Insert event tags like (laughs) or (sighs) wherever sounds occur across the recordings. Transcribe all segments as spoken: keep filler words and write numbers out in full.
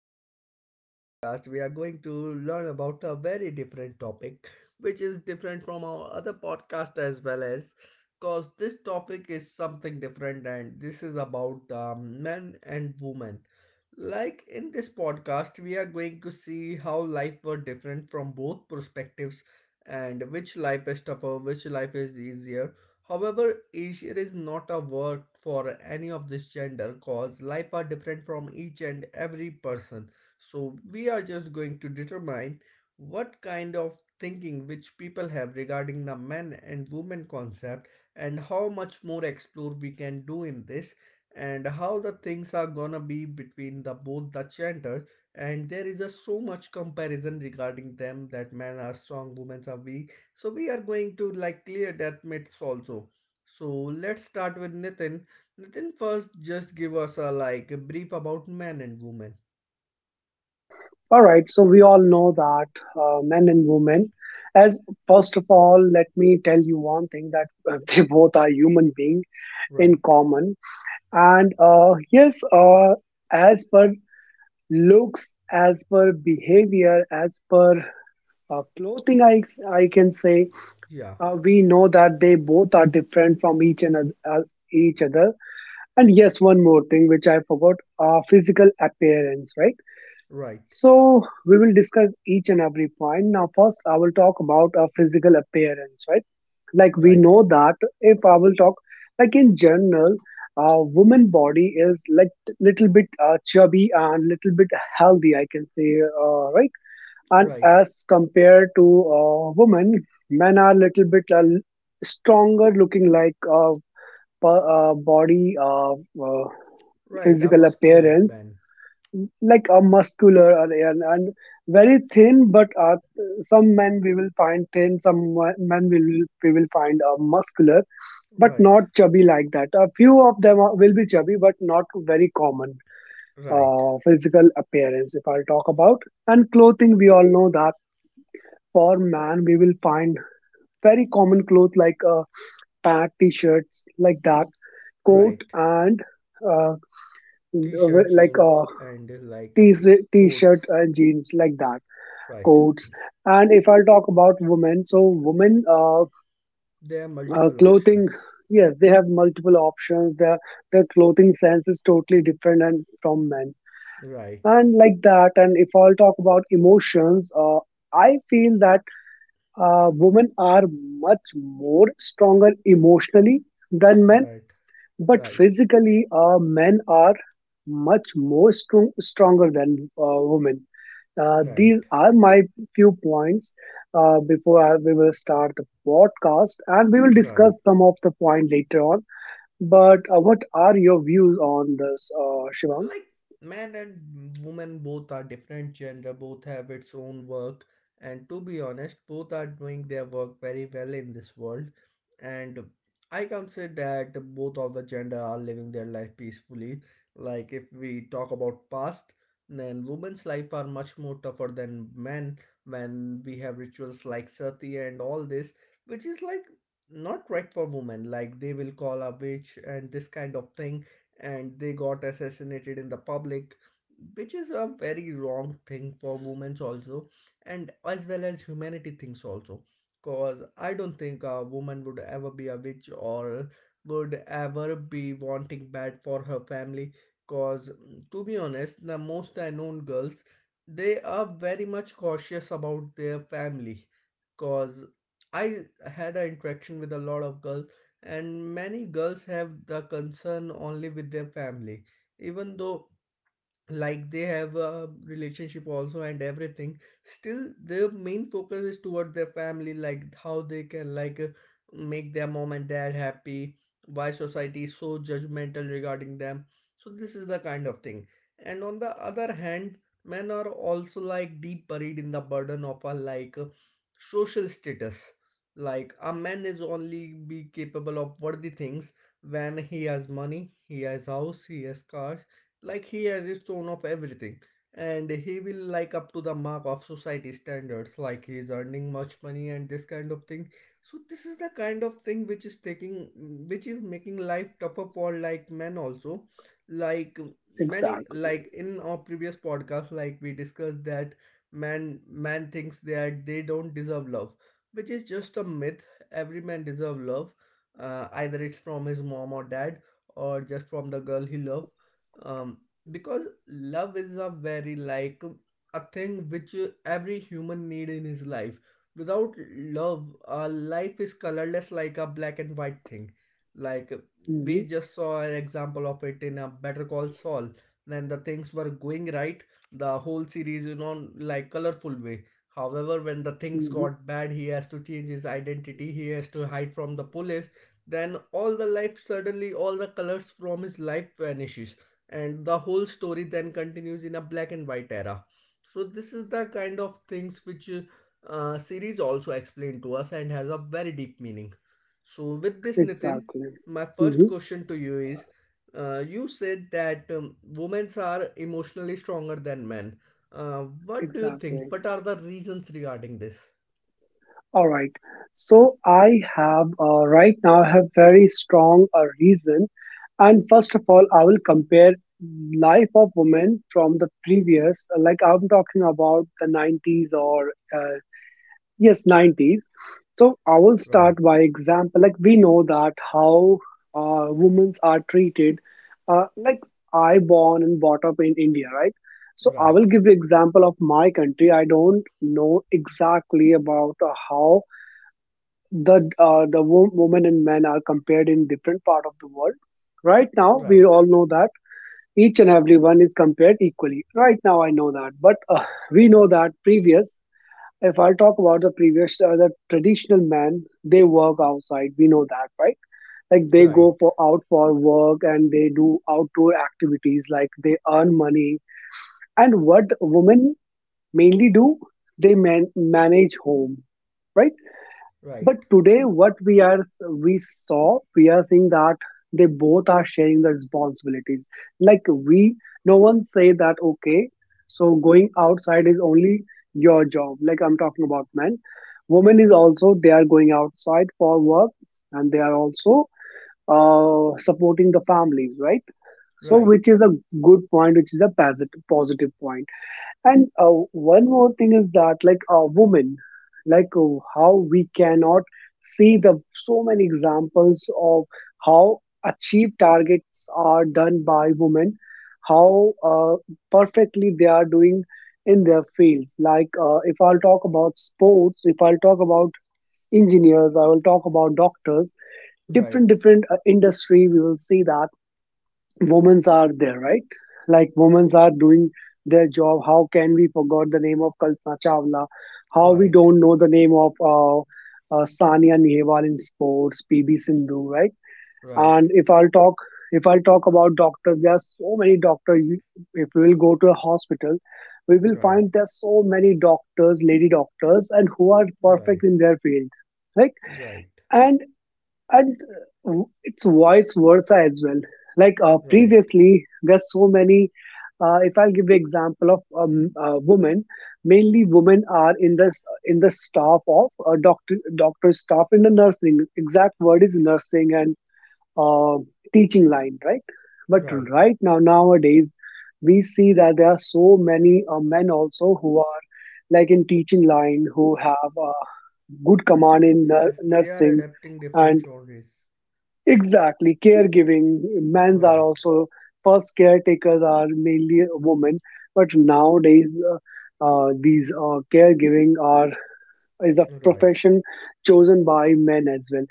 And in this podcast, we are going to learn about a very different topic, which is different from our other podcast as well as because this topic is something different and this is about um, men and women. Like in this podcast, we are going to see how life were different from both perspectives and which life is tougher, which life is easier. However, Asia is not a word for any of this gender cause life are different from each and every person. So we are just going to determine what kind of thinking which people have regarding the men and women concept and how much more explore we can do in this and how the things are gonna be between the both the genders, and there is a so much comparison regarding them that men are strong, women are weak. So we are going to like clear death myths also. So let's start with Nitin. Nitin, first just give us a like a brief about man and woman. All right, so we all know that uh, men and women, as first of all, let me tell you one thing that uh, (laughs) they both are human being in Right. common. And uh, yes, uh, as per looks, as per behavior, as per uh, clothing, I, I can say, Yeah. uh, we know that they both are different from each and oth- uh, each other. And yes, one more thing which I forgot, uh, physical appearance, right? Right. So we will discuss each and every point. Now, first, I will talk about our physical appearance, right? Like we Right. know that if I will talk, like in general, uh, woman body is like little bit uh, chubby and little bit healthy, I can say, uh, right? And Right. as compared to uh, women, men are little bit uh, stronger looking, like uh, per- uh, body uh, uh, Right. A physical muscular appearance man. like a muscular and, and and very thin but uh, some men we will find thin, some wa- men will we will find uh, muscular but Right. not chubby like that. A few of them are, will be chubby, but not very common. Right. Uh, physical appearance if I'll talk about, and clothing, we all know that for man we will find very common clothes like uh, pant, t-shirts like that, coat, Right. and uh, T-shirt, like jeans and uh, like uh, s- t-shirt, t- t-shirt coats. and jeans like that, Right. coats. And if I'll talk about women, so women, uh, There are uh, multiple clothing, options. yes, they have multiple options. Their their clothing sense is totally different and from men, Right. and like that. And if I'll talk about emotions, uh, I feel that uh, women are much more stronger emotionally than men, Right. but Right. physically, uh, men are much more strong, stronger than uh, women. Uh, these Right. are my few points uh, before I, we will start the podcast, and we will discuss Right. some of the point later on. But uh, what are your views on this, uh, Shivang? Like, man and woman both are different gender, both have its own work, and to be honest, both are doing their work very well in this world. And I can say that both of the gender are living their life peacefully. Like, if we talk about past, then women's life are much more tougher than men when we have rituals like sati and all this, which is like not right for women, like they will call a witch and this kind of thing, and they got assassinated in the public, which is a very wrong thing for women also, and as well as humanity things also. Cause I don't think a woman would ever be a witch or would ever be wanting bad for her family. Cause to be honest, the most I known girls, they are very much cautious about their family. Cause I had an interaction with a lot of girls, and many girls have the concern only with their family, even though like they have a relationship also and everything, still their main focus is toward their family, like how they can like uh, make their mom and dad happy. Why society is so judgmental regarding them? So this is the kind of thing. And on the other hand, men are also like deep buried in the burden of a like uh, social status. Like a man is only be capable of worthy things when he has money, he has house, he has car, like he has its own of everything, and he will like up to the mark of society standards, like he is earning much money and this kind of thing. So this is the kind of thing which is taking which is making life tougher for like men also. Like, many Exactly. like in our previous podcast, like we discussed that man man thinks that they don't deserve love, which is just a myth. Every man deserve love, uh, either it's from his mom or dad or just from the girl he love. um because love is a very like a thing which uh, every human need in his life. Without love, our life is colorless, like a black and white thing. Like uh, Hmm. we just saw an example of it in a Better Call Saul. When the things were going right, the whole series in on like colorful way. However, when the things Hmm. got bad, he has to change his identity, he has to hide from the police, then all the life, suddenly all the colors from his life vanishes, and the whole story then continues in a black and white era. So this is the kind of things which uh, uh, series also explained to us and has a very deep meaning. So with this Nitin, Exactly. my first Hmm. question to you is, uh, you said that um, women are emotionally stronger than men. Uh, what do you think, Exactly. what are the reasons regarding this? All right. So I have, uh, right now I have very strong uh, reason, and first of all, I will compare life of women from the previous, like I'm talking about the nineties, or uh, yes, nineties. So I will Right. start by example. Like we know that how uh, women are treated. Uh, like I born and brought up in India, right? So I Right. will give you example of my country. I don't know exactly about uh, how the uh, the wo- women and men are compared in different part of the world. Right now we Right. all know that each and every one is compared equally right now, I know that, but uh, (laughs) we know that previous, if I talk about the previous, uh, the traditional men, they work outside, we know that, right? Like they go Right. for out for work and they do outdoor activities, like they earn money. And what women mainly do, they man- manage home, right? Right. But today what we are, we saw we are seeing that they both are sharing the responsibilities. Like we, no one say that okay, so going outside is only your job, like I'm talking about men. Women is also, they are going outside for work, and they are also uh, supporting the families, right? So Right. which is a good point, which is a posit- positive point. And uh, one more thing is that, like a woman, like uh, how we cannot see the so many examples of how achieved targets are done by women, how uh, perfectly they are doing in their fields. Like uh, if I'll talk about sports, if I'll talk about engineers, I will talk about doctors. Different Right. different uh, industry, we will see that women's are there, right? Like women's are doing their job. How can we forgot the name of Kalpana Chawla? How we Right. don't know the name of uh, uh, Sania Nehwal in sports, P B Sindhu, right? Right. And if I'll talk, if I'll talk about doctors, there are so many doctors. You- If we will go to a hospital, we will Right. find there are so many doctors, lady doctors, and who are Right. perfect in their field, right? Right, And and uh, w- it's vice versa as well. Like uh, right, previously there's so many uh, if I'll give the example of um, a woman, mainly women are in this, in the staff of a doctor doctor staff, in the nursing, exact word is nursing, and uh, teaching line, right? But right. right now nowadays we see that there are so many uh, men also who are like in teaching line, who have uh, good command in nur- Yes, they are nursing. adapting different And genres. exactly, caregiving. Men's are Right, also first caretakers are mainly women, but nowadays uh, uh, these uh, caregiving are is a right, profession chosen by men as well.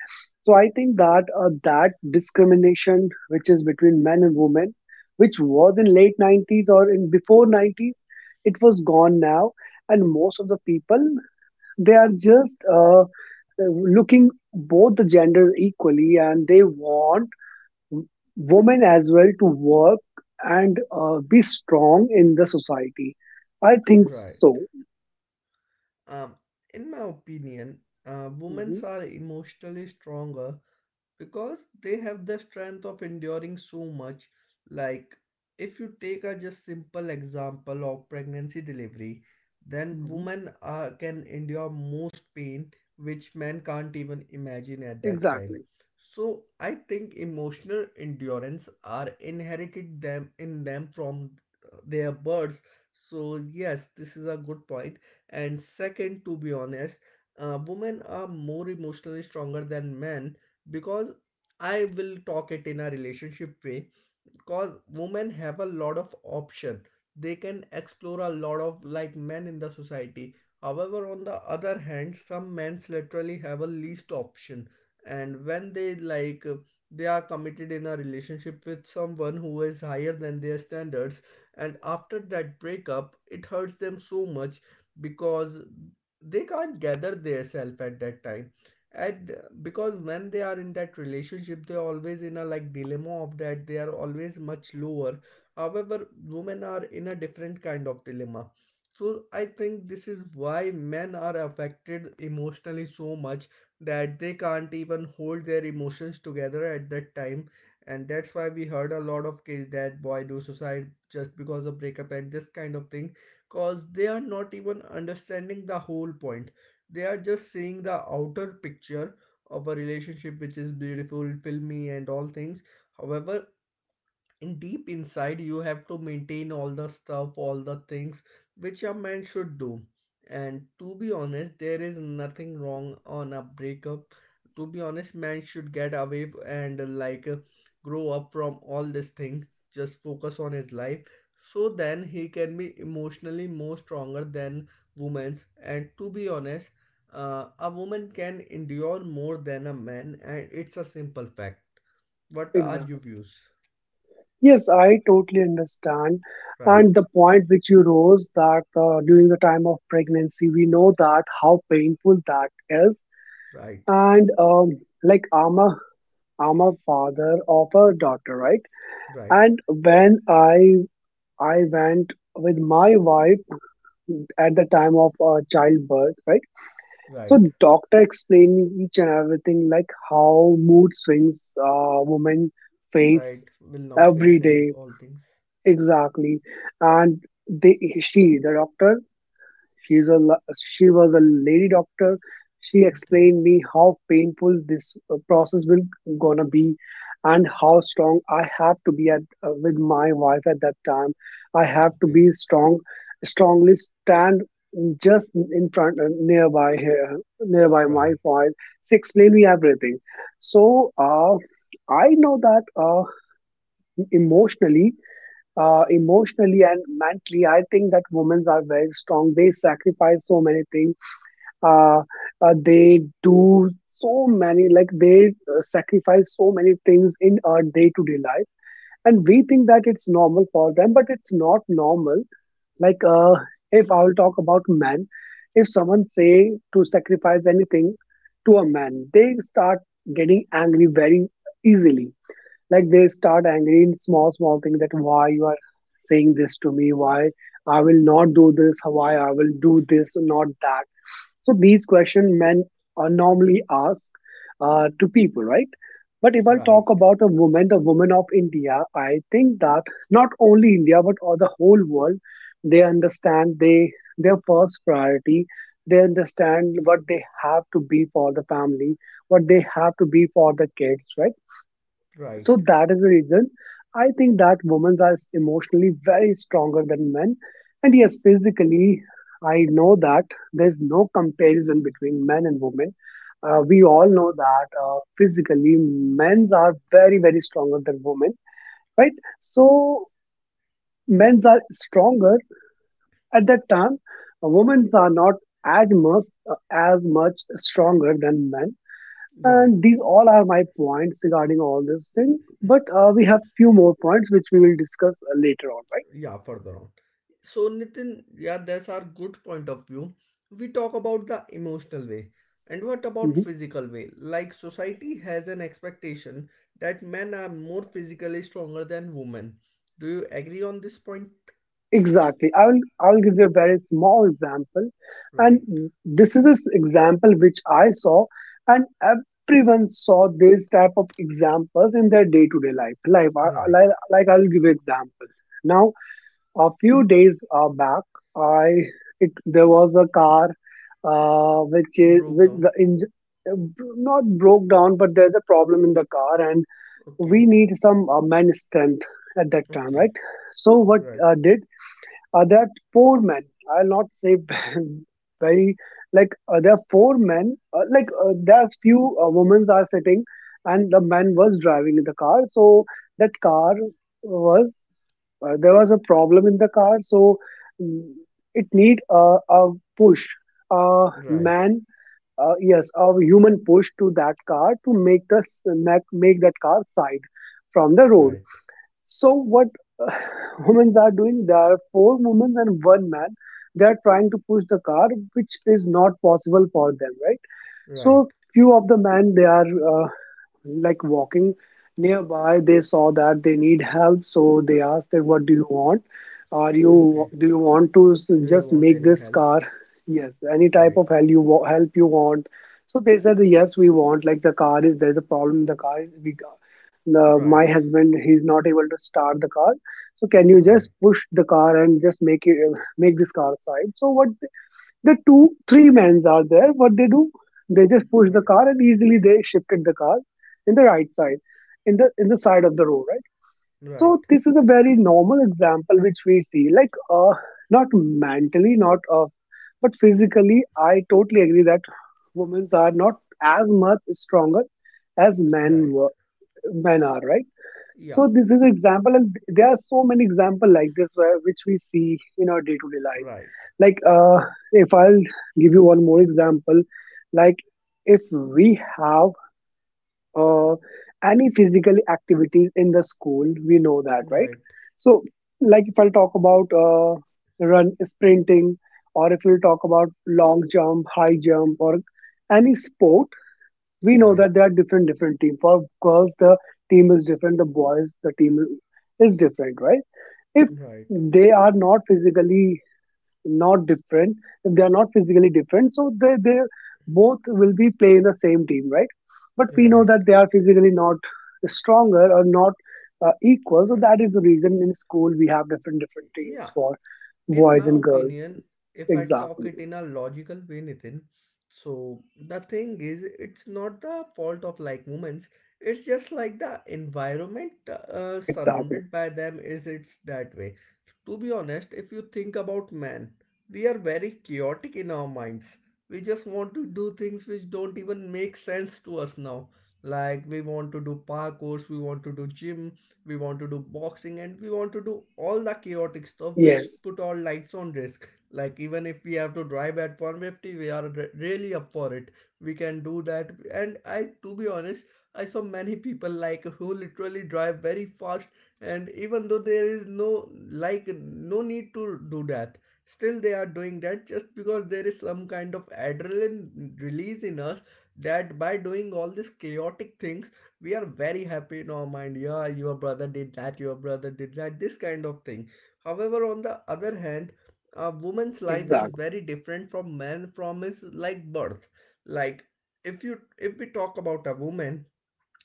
So I think that uh, that discrimination which is between men and women, which was in late nineties or in before nineties, it was gone now, and most of the people they are just uh, looking both the genders equally, and they want women as well to work and uh, be strong in the society. I think right. so. Um, in my opinion, uh, women Hmm. are emotionally stronger because they have the strength of enduring so much. Like, if you take a just simple example of pregnancy delivery, then Hmm. women are, can endure most pain which men can't even imagine at that time. Exactly. So I think emotional endurance are inherited them in them from uh, their births. So yes, this is a good point. And second, to be honest, uh, women are more emotionally stronger than men because I will talk it in a relationship way, because women have a lot of option, they can explore a lot of like men in the society. However, on the other hand, some men's literally have a least option, and when they like uh, they are committed in a relationship with someone who is higher than their standards, and after that breakup it hurts them so much because they can't gather their self at that time. And uh, because when they are in that relationship, they're always in a like dilemma of that they are always much lower. However, women are in a different kind of dilemma. So I think this is why men are affected emotionally so much that they can't even hold their emotions together at that time. And that's why we heard a lot of case that boy do suicide just because of breakup and this kind of thing, cause they are not even understanding the whole point, they are just seeing the outer picture of a relationship which is beautiful, filmy, and all things. However, and deep inside you have to maintain all the stuff, all the things which a man should do. And to be honest, there is nothing wrong on a breakup. To be honest, man should get away f- and uh, like uh, grow up from all this thing, just focus on his life, so then he can be emotionally more stronger than women's. And to be honest, uh, a woman can endure more than a man, and it's a simple fact. What are your Exactly. views? Yes, I totally understand. Right. And the point which you rose that, uh, during the time of pregnancy, we know that how painful that is. Right, And um, like I'm a, I'm a father of a daughter, right? right, And when I I went with my wife at the time of uh, childbirth, right? So right, doctor explained me each and everything, like how mood swings uh, women face right. Will now every face and day, all things. exactly, and they she the doctor, she's a la- she was a lady doctor. She Okay, explained me how painful this uh, process will gonna be, and how strong I have to be at, uh, with my wife at that time. I have to okay. be strong, strongly stand just in front, uh, nearby here nearby my Right, point, she explained me everything. So uh, I know that uh, emotionally uh, emotionally and mentally, I think that women are very strong, they sacrifice so many things, uh, uh, they do so many, like they uh, sacrifice so many things in our day-to-day life, and we think that it's normal for them but it's not normal. Like, uh, if I'll talk about men, if someone say to sacrifice anything to a man, they start getting angry very easily. Like they start angry in small, small things, that why you are saying this to me, why I will not do this, why I will do this, not that. So these question men uh, normally ask uh, to people, right? But if I right, talk about a woman, the women of India, I think that not only India but all the whole world, they understand they their first priority. They understand what they have to be for the family, what they have to be for the kids, right? right, So that is the reason I think that women are emotionally very stronger than men. And yes, physically, I know that there's no comparison between men and women. Uh, we all know that uh, physically, men's are very, very stronger than women, right? So men's are stronger at that time. Uh, women's are not as much, as much stronger than men, right. and these all are my points regarding all this thing. But uh, we have few more points which we will discuss uh, later on, Yeah, further on. So Nitin, yeah, that's our good point of view. We talk about the emotional way. And what right? about Hmm. physical way? Like society has an expectation that men are more physically stronger than women. Do you agree on this point? Exactly. I will I will give you a very small example, and Right, this is this example which I saw, and everyone saw this type of examples in their day to day life. Life. I, I- right. like like I will give you example. Now a few days uh, back i it, there was a car uh, which is Broke with the down. engine, not broke down, but there's a problem in the car, and we Okay, need some uh, man strength at that time, okay. right? So what Right, uh, did uh, that four men, I'll not say (laughs) very, like uh, there are four men, uh, like uh, there's few uh, women are sitting and the man was driving the car. So that car was, uh, there was a problem in the car, so mm, it need a, a push, a right, man, uh, yes, a human push to that car to make the s- make, make that car side from the road. right. So what (sighs) uh, (laughs) women are doing, there are four women and one man, they are trying to push the car, which is not possible for them, right? Right. So few of the men, they are uh, like walking nearby, they saw that they need help, so they asked that what do you want, are you Okay. do you want to s- Do you just want make any this help? car? Yes, any type Right. of help you wa- help you want. So they said, yes, we want, like the car is, there's a problem in the car, we got the, my Right. husband, he's not able to start the car. So can you just Right. push the car and just make it uh, make this car side? So what, the two, three men are there. What they do? They just push the Right. car and easily they shifted the car in the right side, in the in the side of the road, right? Right. So this is a very normal example which we see, like uh, not mentally, not uh, but physically. I totally agree that women are not as much stronger as men Right. were, men are, right? Yeah. So this is example, and there are so many examples like this where which we see in our day to day life. Right. Like, uh, if I'll give you one more example, like if we have uh, any physical activities in the school, we know that, right? Right. So, like if I'll talk about uh, run sprinting, or if we'll talk about long jump, high jump, or any sport, we know Right. that there are different different teams. For girls, the team is different. The boys, the team is different, right? If Right. they are not physically not different, if they are not physically different, so they they both will be play in the same team, right? But we know Right. that they are physically not stronger or not uh, equal, so Right. that is the reason in school we have different different teams Yeah. for In boys my and girls. opinion, if I talk Exactly, it in a logical way, Nathan, so the thing is it's not the fault of like moments, it's just like the environment uh, exactly. surrounded by them is it's that way. To be honest, if you think about man, we are very chaotic in our minds. We just want to do things which don't even make sense to us now. Like we want to do parkours, we want to do gym, we want to do boxing, and we want to do all the chaotic stuff which Yes, put our lives on risk. Like even if we have to drive at one fifty, we are re- really up for it, we can do that. And I, to be honest, I saw many people like who literally drive very fast, and even though there is no like no need to do that, still they are doing that just because there is some kind of adrenaline release in us, that by doing all these chaotic things, we are very happy in our mind, yeah, your brother did that, your brother did that, this kind of thing. However, on the other hand, a woman's life is exactly, very different from man from his like birth. Like, if you, if we talk about a woman,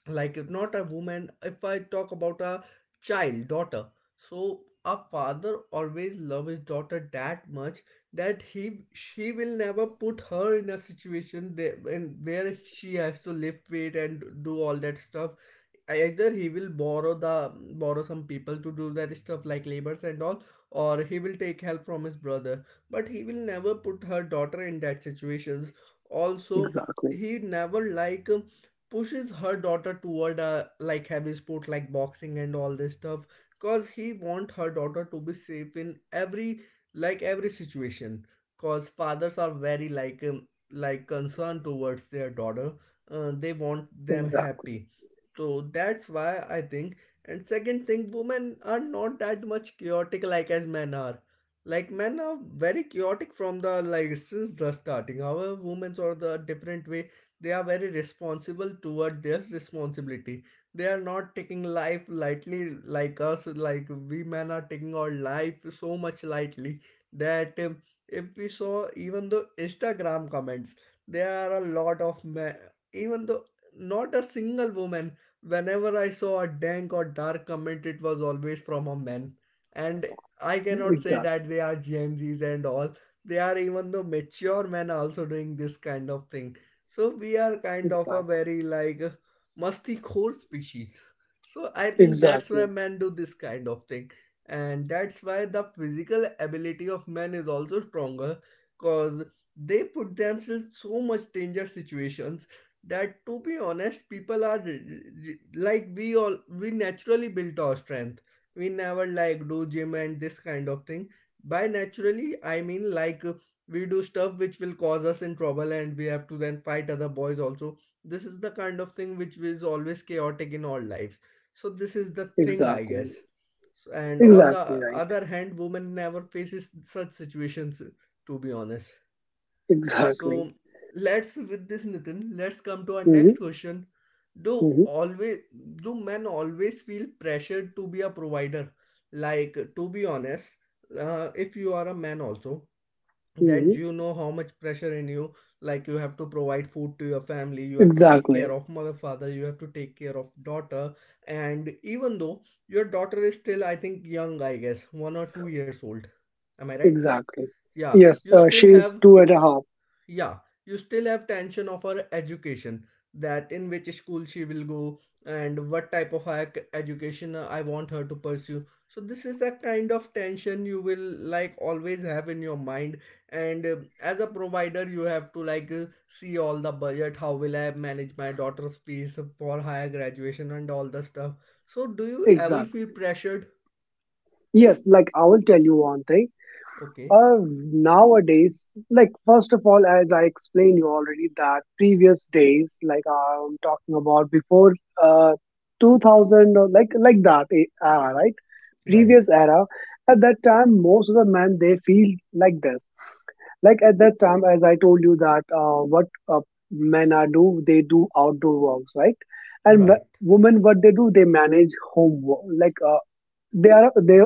like if not a woman, if I talk about a child daughter, so a father always love his daughter that much that he, she will never put her in a situation there and where she has to live with and do all that stuff. Either he will borrow the, borrow some people to do that stuff like labors and all, or he will take help from his brother, but he will never put her daughter in that situations also. exactly, He never like pushes her daughter toward a like heavy sport like boxing and all this stuff, cause he want her daughter to be safe in every like every situation. Cause fathers are very like um, like concerned towards their daughter, uh, they want them exactly, happy. So that's why I think. And second thing, women are not that much chaotic like as men are. Like men are very chaotic from the like since the starting, however women's are the different way. They are very responsible toward their responsibility, they are not taking life lightly like us. Like we men are taking our life so much lightly that um, if we saw even the Instagram comments, there are a lot of men, even though not a single woman. Whenever I saw a dank or dark comment, it was always from a man. And I cannot say exactly, that they are Gen Z's and all, they are even though mature men are also doing this kind of thing. So we are kind of a exactly, very like uh, musty core species. So I think that's why exactly, men do this kind of thing. And that's why the physical ability of men is also stronger because they put themselves so much danger situations that, to be honest, people are r- r- like we all, we naturally built our strength, we never like do gym and this kind of thing. By naturally I mean like we do stuff which will cause us in trouble and we have to then fight other boys also. This is the kind of thing which is always chaotic in all lives. So this is the thing I exactly, guess. So, and on the exactly right, other hand, women never faces such situations, to be honest. exactly. So let's, with this Nitin, let's come to our Mm-hmm, next question. do mm-hmm, always do men always feel pressured to be a provider? Like, to be honest, uh, if you are a man also, then mm-hmm. you know how much pressure in you. Like you have to provide food to your family, you have to take care Exactly. of mother, father, you have to take care of daughter. And even though your daughter is still I think young, I guess one or two years old, am I right? Exactly. Yeah, Yes, you uh, still she's have, two and a half. yeah, you still have tension of her education, that in which school she will go and what type of higher c- education, uh, I want her to pursue. So this is the kind of tension you will like always have in your mind. And uh, as a provider, you have to like uh, see all the budget, how will I manage my daughter's fees for higher graduation and all the stuff. So do you ever feel Exactly. pressured? Yes, like I will tell you one thing. Okay, Uh, nowadays, like first of all, as I explained you already, that previous days, like I'm talking about before uh, two thousand or like like that e- era, right? right. Previous era. At that time, most of the men they feel like this. Like at that time, as I told you that uh, what uh, men are do, they do outdoor works, right? And Right. w- women, what they do, they manage home work, like uh, they are they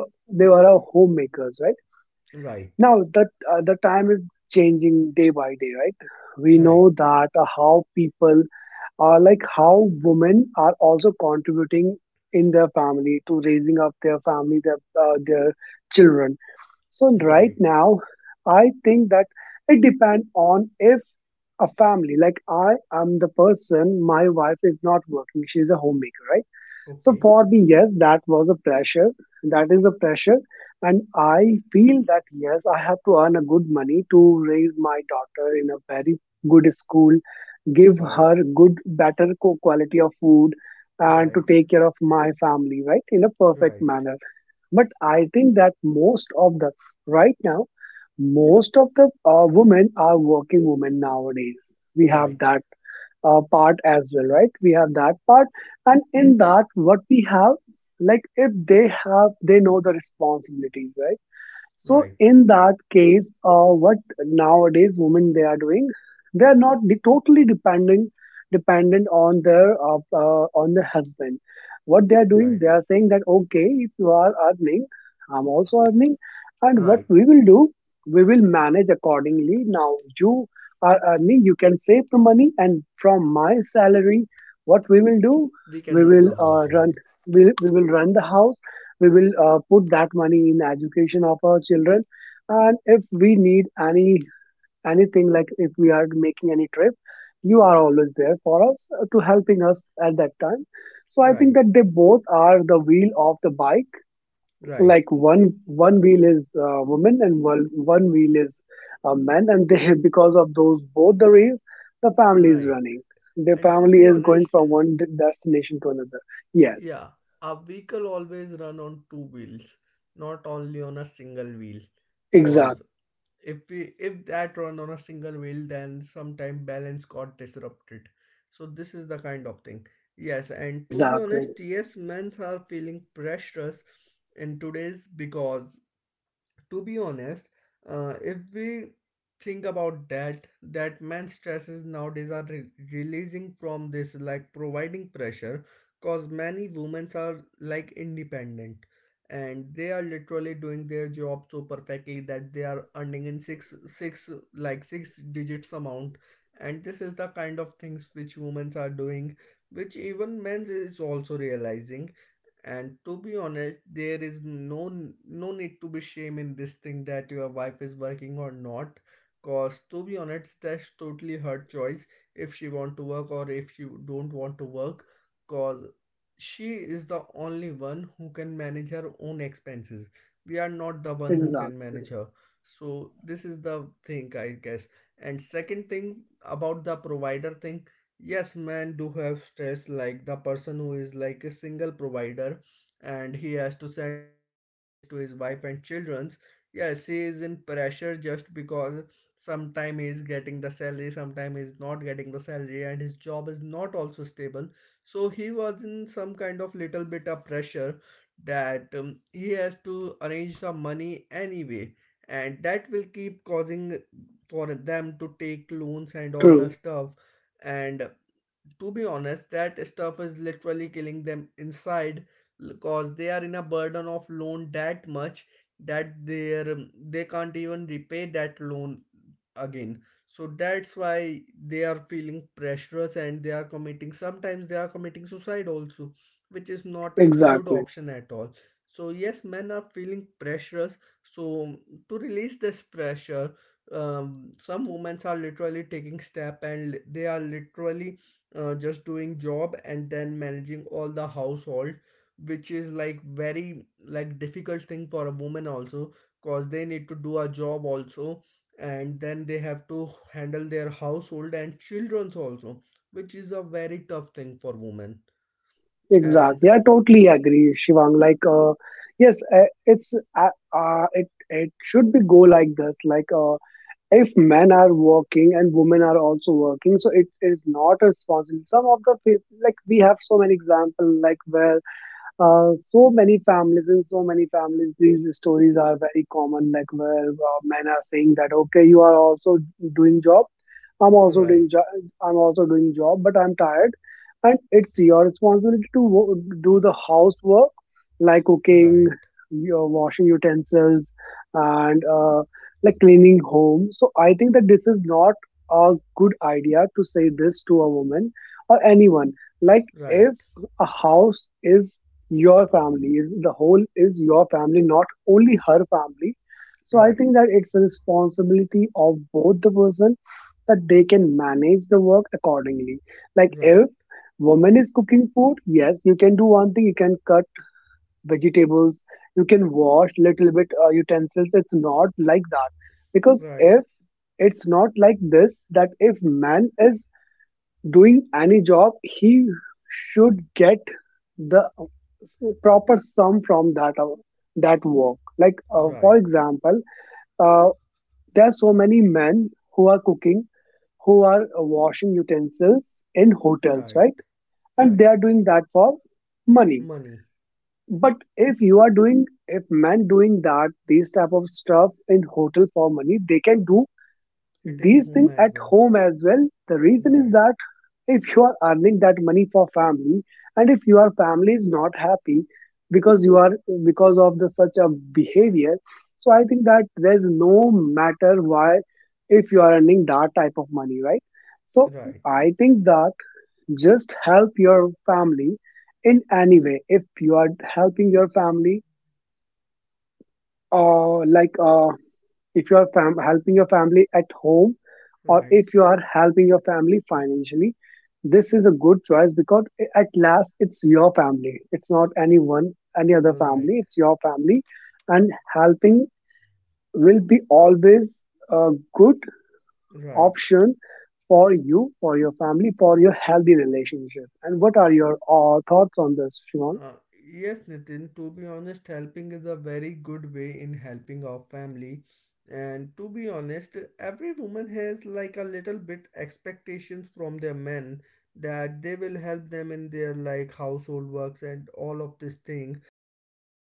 they are a homemakers, right? Right. Now that uh, the time is changing day by day, right? We Right. know that uh, how people are, like how women are also contributing in their family to raising up their family, their uh, their children. So right Right. now, I think that it depends on if a family, like I am the person, my wife is not working, she's a homemaker, right? So Okay. for me, yes, that was a pressure. That is a pressure. And I feel that yes, I have to earn a good money to raise my daughter in a very good school, give Right. her good, better co- quality of food, and to Right, take care of my family, right? In a perfect right, manner. But I think that most of the right now, most of the uh, women are working women nowadays. We have right, that uh, part as well, right? We have that part, and in that, what we have, like if they have, they know the responsibilities, right? So right, in that case, uh, what nowadays women they are doing, they are not de- totally dependent dependent on their uh, uh, on the husband. What they are doing, they right, are saying that okay, if you are earning, I'm also earning, and what right. we will do, we will manage accordingly. Now you are earning, you can save the money, and from my salary, what we will do, We can we run will the uh, household. run we, we will run the house, we will uh, put that money in education of our children, and if we need any anything, like if we are making any trip, you are always there for us uh, to helping us at that time. So I think Right, that they both are the wheel of the bike, right, like one one wheel is uh, woman and one one wheel is uh, men, and they (laughs) because of those both the race, the family is right. running, the And to family be is going honest, from one de- destination to another. Yes, yeah, our vehicle always run on two wheels, not only on a single wheel. exact, Cause if we if that run on a single wheel, then sometime balance got disrupted. So this is the kind of thing. Yes, and to be exactly, honest, yes, men are feeling pressures in today's, because to be honest, uh, if we think about that, that man stresses nowadays are re- releasing from this like providing pressure. Cause many women are like independent and they are literally doing their job so perfectly that they are earning in six six like six digits amount. And this is the kind of things which women are doing, which even men is also realizing. And to be honest, there is no no need to be shame in this thing that your wife is working or not. Cause to be honest, that's totally her choice, if she want to work or if you don't want to work. Cause she is the only one who can manage her own expenses, we are not the one who can exactly. manage her. So this is the thing I guess. And second thing, about the provider thing, yes, men do have stress, like the person who is like a single provider and he has to send money to his village, to his wife and children's. Yes, he is in pressure just because sometime he is getting the salary, sometime he is not getting the salary, and his job is not also stable. So he was in some kind of little bit of pressure, that um, he has to arrange some money anyway, and that will keep causing for them to take loans and all the True. stuff. And to be honest, that stuff is literally killing them inside, because they are in a burden of loan that much that they're um, they can't even repay that loan again. So that's why they are feeling pressures, and they are committing, sometimes they are committing suicide also, which is not a good Exactly. option at all. So yes, men are feeling pressures. So to release this pressure, um, some women are literally taking step, and they are literally uh, just doing job and then managing all the household, which is like very like difficult thing for a woman also. Cause they need to do a job also, and then they have to handle their household and children's also, which is a very tough thing for women. And Exactly. I totally agree, Shivang. Like, uh, yes, uh, it's uh, uh, it it should be go like this. Like, uh, if men are working and women are also working, so it is not responsible. Some of the peop- like we have so many example like where, Uh, so many families, in so many families these stories are very common, like where uh, men are saying that okay, you are also doing job, I'm also doing right, job, I'm also doing job, but I'm tired, and it's your responsibility to wo- do the housework, like cooking, right, your washing utensils, and uh, like cleaning home. So I think that this is not a good idea to say this to a woman or anyone. Like right, if a house is, your family is the whole, is your family, not only her family. So I right, think that it's a responsibility of both the person, that they can manage the work accordingly. Like right, if woman is cooking food, yes, you can do one thing, you can cut vegetables, you can wash little bit uh, utensils, it's not like that. Because if, right, it's not like this that if man is doing any job, he should get the uh, s- proper sum from that uh, that work. Like uh, for right, example, uh, there are so many men who are cooking, who are uh, washing utensils in hotels, right, right? And they right, are doing that for money. money, But if you are doing, if men doing that these type of stuff in hotel for money, they can do it in these whom things as at well, home as well. The reason is right, that if you are earning that money for family, and if your family is not happy because you are, because of the such a behavior, so I think that there's no matter why, if you are earning that type of money, right? So right, I think that just help your family in any way. If you are helping your family, uh, like uh, if you are fam- helping your family at home, or right, if you are helping your family financially, this is a good choice because I- at last it's your family, it's not anyone, any other family, right. it's your family. And helping will be always a good Right. option for you, for your family, for your healthy relationship. And what are your uh, thoughts on this, Shimon? Uh, yes, Nitin, to be honest, helping is a very good way in helping our family. And to be honest, every woman has like a little bit expectations from their men that they will help them in their like household works and all of this thing, which is like